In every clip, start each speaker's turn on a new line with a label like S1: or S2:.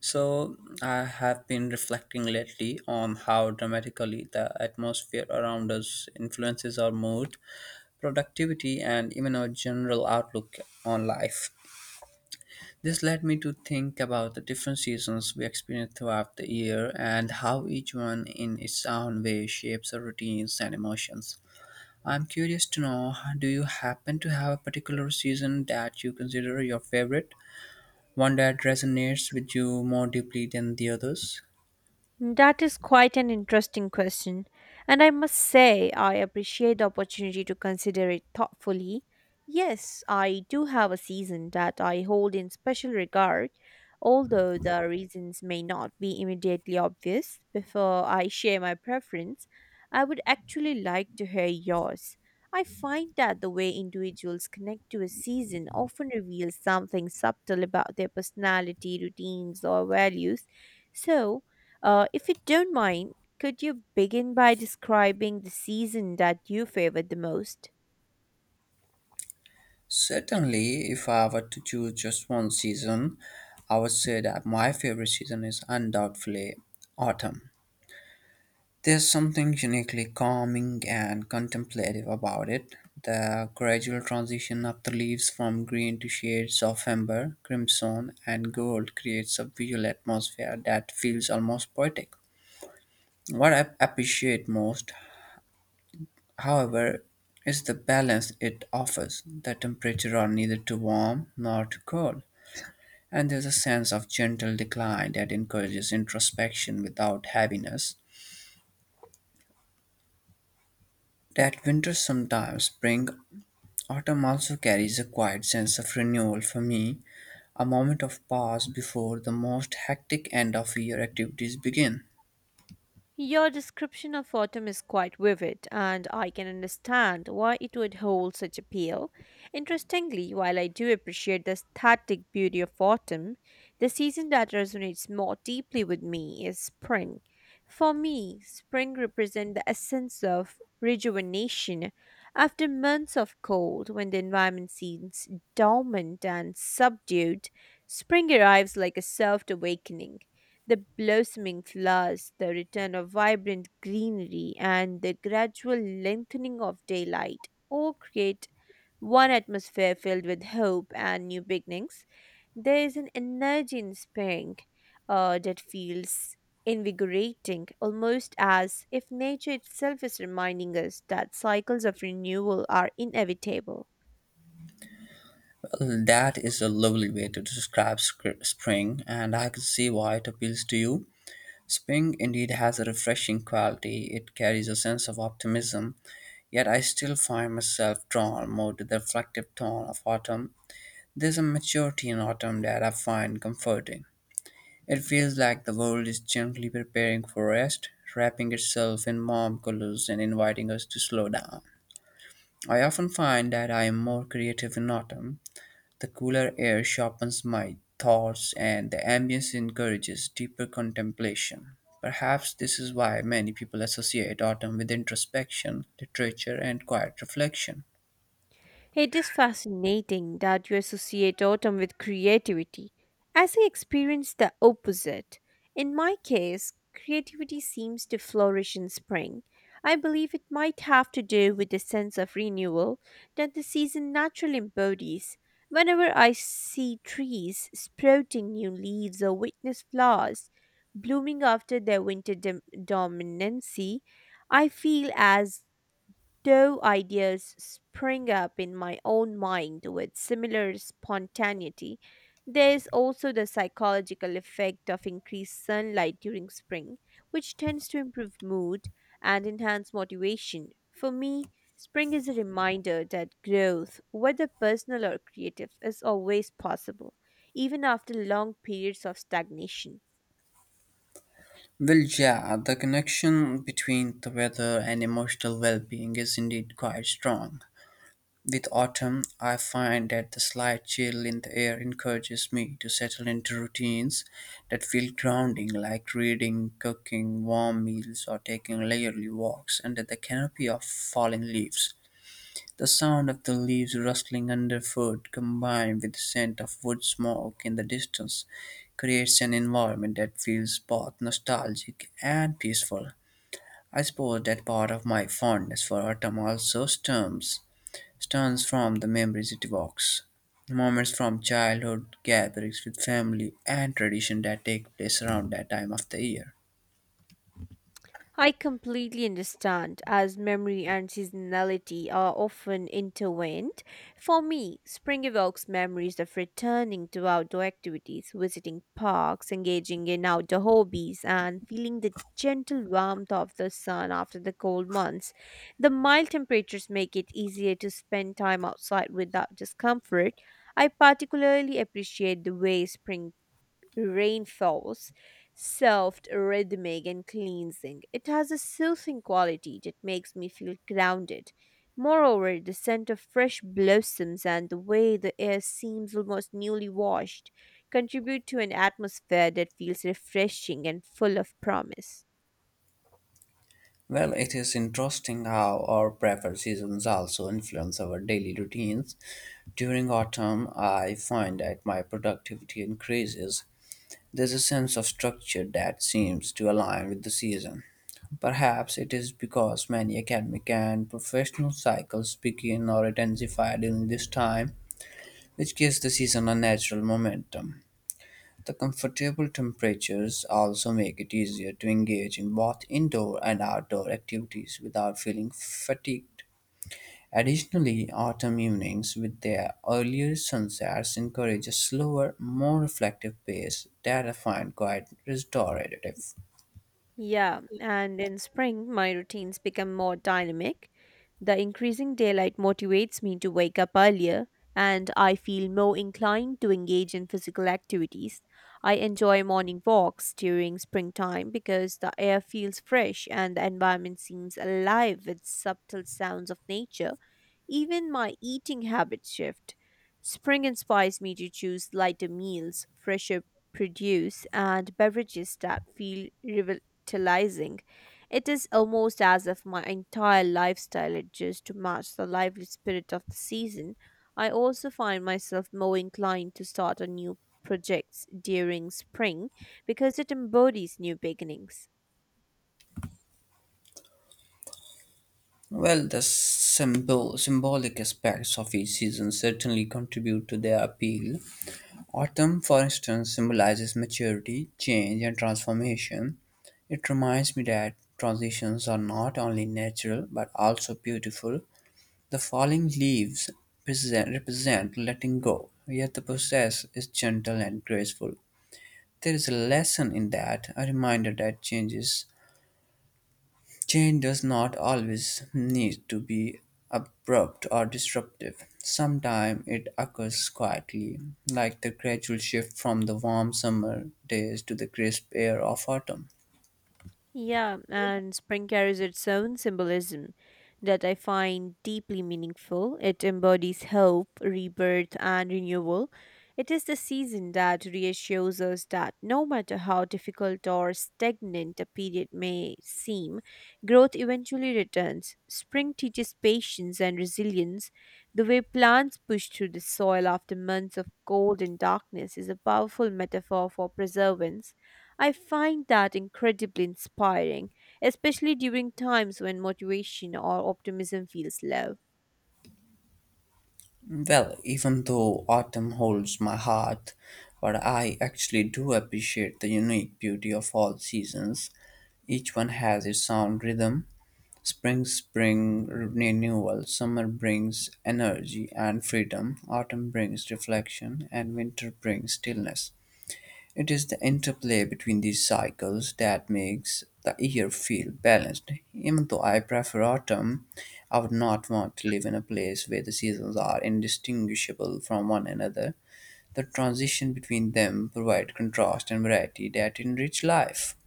S1: So, I have been reflecting lately on how dramatically the atmosphere around us influences our mood, productivity, and even our general outlook on life. This led me to think about the different seasons we experience throughout the year and how each one, in its own way, shapes our routines and emotions. I'm curious to know, do you happen to have a particular season that you consider your favorite? One that resonates with you more deeply than the others?
S2: That is quite an interesting question, and I must say I appreciate the opportunity to consider it thoughtfully. Yes, I do have a season that I hold in special regard, although the reasons may not be immediately obvious. Before I share my preference, I would actually like to hear yours. I find that the way individuals connect to a season often reveals something subtle about their personality, routines, or values. So, if you don't mind, could you begin by describing the season that you favored the most?
S1: Certainly, if I were to choose just one season, I would say that my favorite season is undoubtedly autumn. There's something uniquely calming and contemplative about it. The gradual transition of the leaves from green to shades of amber, crimson, and gold creates a visual atmosphere that feels almost poetic. What I appreciate most, however, is the balance it offers. The temperature are neither too warm nor too cold, and there's a sense of gentle decline that encourages introspection without heaviness. That winters sometimes bring, autumn also carries a quiet sense of renewal for me, a moment of pause before the most hectic end of year activities begin.
S2: Your description of autumn is quite vivid, and I can understand why it would hold such appeal. Interestingly, while I do appreciate the static beauty of autumn, the season that resonates more deeply with me is spring. For me, spring represents the essence of rejuvenation after months of cold when the environment seems dormant and subdued. Spring arrives like a soft awakening, the blossoming flowers, the return of vibrant greenery, and the gradual lengthening of daylight all create one atmosphere filled with hope and new beginnings. There is an energy in spring that feels invigorating, almost as if nature itself is reminding us that cycles of renewal are inevitable.
S1: Well, that is a lovely way to describe spring, and I can see why it appeals to you. Spring indeed has a refreshing quality. It carries a sense of optimism, yet I still find myself drawn more to the reflective tone of autumn. There's a maturity in autumn that I find comforting. It feels like the world is gently preparing for rest, wrapping itself in warm colors and inviting us to slow down. I often find that I am more creative in autumn. The cooler air sharpens my thoughts and the ambience encourages deeper contemplation. Perhaps this is why many people associate autumn with introspection, literature, and quiet reflection.
S2: It is fascinating that you associate autumn with creativity. As I experience the opposite, in my case, creativity seems to flourish in spring. I believe it might have to do with the sense of renewal that the season naturally embodies. Whenever I see trees sprouting new leaves or witness flowers blooming after their dominancy, I feel as though ideas spring up in my own mind with similar spontaneity. There is also the psychological effect of increased sunlight during spring, which tends to improve mood and enhance motivation. For me, spring is a reminder that growth, whether personal or creative, is always possible, even after long periods of stagnation.
S1: Well, yeah, the connection between the weather and emotional well being is indeed quite strong. With autumn, I find that the slight chill in the air encourages me to settle into routines that feel grounding, like reading, cooking warm meals, or taking leisurely walks under the canopy of falling leaves. The sound of the leaves rustling underfoot, combined with the scent of wood smoke in the distance, creates an environment that feels both nostalgic and peaceful. I suppose that part of my fondness for autumn also stems from the memories it evokes. Moments from childhood gatherings with family and tradition that take place around that time of the year.
S2: I completely understand, as memory and seasonality are often intertwined. For me, spring evokes memories of returning to outdoor activities, visiting parks, engaging in outdoor hobbies, and feeling the gentle warmth of the sun after the cold months. The mild temperatures make it easier to spend time outside without discomfort. I particularly appreciate the way spring rainfalls, soft, rhythmic, and cleansing. It has a soothing quality that makes me feel grounded. Moreover, the scent of fresh blossoms and the way the air seems almost newly washed contribute to an atmosphere that feels refreshing and full of promise.
S1: Well, it is interesting how our preferred seasons also influence our daily routines. During autumn, I find that my productivity increases. There's a sense of structure that seems to align with the season. Perhaps it is because many academic and professional cycles begin or intensify during this time, which gives the season a natural momentum. The comfortable temperatures also make it easier to engage in both indoor and outdoor activities without feeling fatigued. Additionally, autumn evenings with their earlier sunsets encourage a slower, more reflective pace that I find quite restorative.
S2: Yeah, and in spring, my routines become more dynamic. The increasing daylight motivates me to wake up earlier, and I feel more inclined to engage in physical activities. I enjoy morning walks during springtime because the air feels fresh and the environment seems alive with subtle sounds of nature. Even my eating habits shift. Spring inspires me to choose lighter meals, fresher produce, and beverages that feel tantalizing. It is almost as if my entire lifestyle adjusts to match the lively spirit of the season. I also find myself more inclined to start a new projects during spring because it embodies new beginnings.
S1: Well, symbolic aspects of each season certainly contribute to their appeal. Autumn, for instance, symbolizes maturity, change, and transformation. It reminds me that transitions are not only natural but also beautiful. The falling leaves represent letting go, yet the process is gentle and graceful. There is a lesson in that, a reminder that change does not always need to be abrupt or disruptive. Sometimes it occurs quietly, like the gradual shift from the warm summer days to the crisp air of autumn.
S2: Yeah, and spring carries its own symbolism that I find deeply meaningful. It embodies hope, rebirth, and renewal. It is the season that reassures us that no matter how difficult or stagnant a period may seem, growth eventually returns. Spring teaches patience and resilience. The way plants push through the soil after months of cold and darkness is a powerful metaphor for perseverance. I find that incredibly inspiring, especially during times when motivation or optimism feels low.
S1: Well, even though autumn holds my heart, but I actually do appreciate the unique beauty of all seasons. Each one has its own rhythm. Spring, renewal. Summer brings energy and freedom. Autumn brings reflection, and winter brings stillness. It is the interplay between these cycles that makes the year feel balanced. Even though I prefer autumn, I would not want to live in a place where the seasons are indistinguishable from one another. The transition between them provide contrast and variety that enrich life.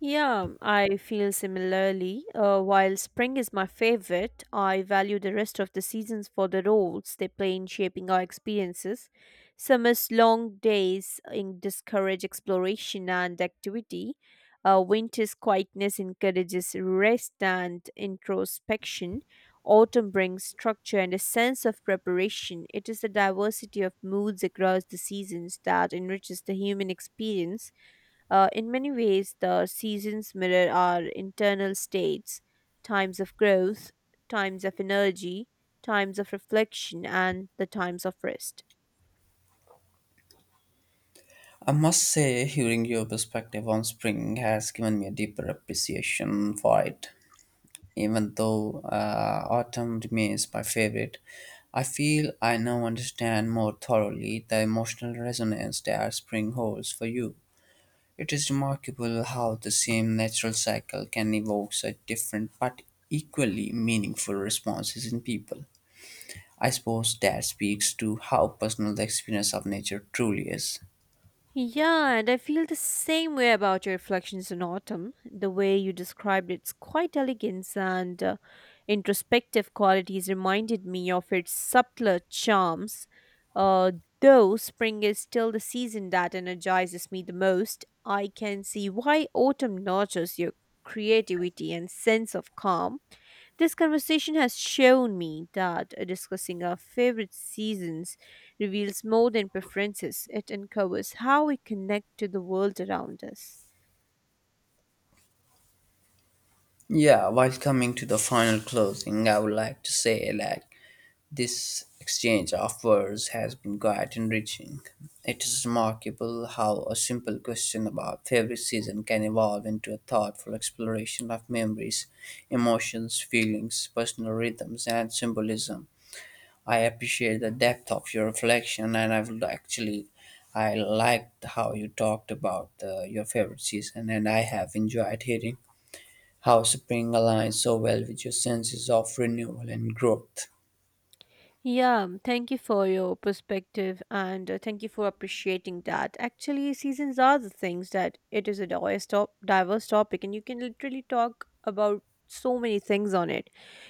S2: Yeah, I feel similarly. While spring is my favorite, I value the rest of the seasons for the roles they play in shaping our experiences. Summer's long days in discourage exploration and activity. Winter's quietness encourages rest and introspection. Autumn brings structure and a sense of preparation. It is the diversity of moods across the seasons that enriches the human experience. In many ways, the seasons mirror our internal states, times of growth, times of energy, times of reflection, and the times of rest.
S1: I must say, hearing your perspective on spring has given me a deeper appreciation for it. Even though autumn remains my favorite, I feel I now understand more thoroughly the emotional resonance that spring holds for you. It is remarkable how the same natural cycle can evoke such different but equally meaningful responses in people. I suppose that speaks to how personal the experience of nature truly is.
S2: Yeah, and I feel the same way about your reflections on autumn. The way you described its quite elegance and introspective qualities reminded me of its subtler charms. Uh, though spring is still the season that energizes me the most, I can see why autumn nurtures your creativity and sense of calm. This conversation has shown me that discussing our favorite seasons reveals more than preferences, it uncovers how we connect to the world around us.
S1: Yeah, while coming to the final closing, I would like to say that this exchange of words has been quite enriching. It is remarkable how a simple question about favorite season can evolve into a thoughtful exploration of memories, emotions, feelings, personal rhythms, and symbolism. I appreciate the depth of your reflection, and I liked how you talked about your favorite season, and I have enjoyed hearing how spring aligns so well with your senses of renewal and growth.
S2: Yeah. Thank you for your perspective, and thank you for appreciating that. Actually, seasons are the things that it is a diverse topic, and you can literally talk about so many things on it.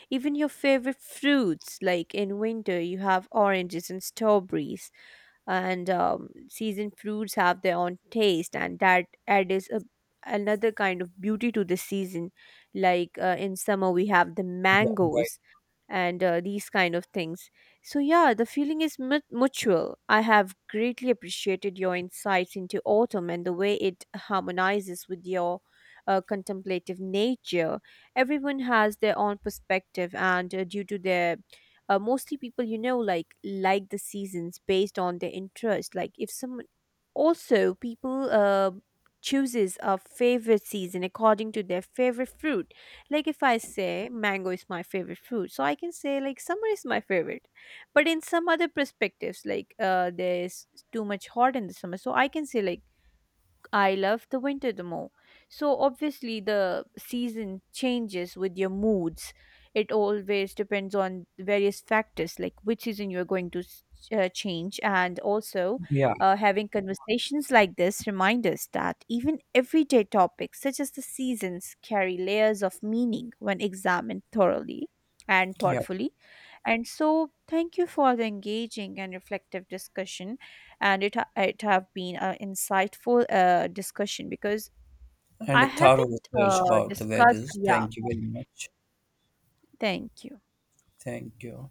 S2: Even your favorite fruits, like in winter, you have oranges and strawberries, and seasoned fruits have their own taste, and that adds another kind of beauty to the season, like in summer we have the
S1: Yeah,
S2: mangoes, and these kind of things. So yeah, the feeling is mutual. I have greatly appreciated your insights into autumn and the way it harmonizes with your contemplative nature. Everyone has their own perspective, and due to their mostly people, you know, like the seasons based on their interest, like if someone, also people chooses a favorite season according to their favorite fruit. Like if I say mango is my favorite fruit, so I can say like summer is my favorite, but in some other perspectives, like there's too much hot in the summer, so I can say like I love the winter the more. So obviously the season changes with your moods. It always depends on various factors, like which season you're going to change, and also
S1: yeah,
S2: having conversations like this remind us that even everyday topics such as the seasons carry layers of meaning when examined thoroughly and
S1: yeah.
S2: thoughtfully. And so, thank you for the engaging and reflective discussion. And it it have been an insightful discussion, because
S1: And a
S2: I
S1: thorough
S2: haven't
S1: research about the
S2: discussed.
S1: weathers.
S2: Yeah,
S1: Thank you very much.
S2: thank you.
S1: Thank you.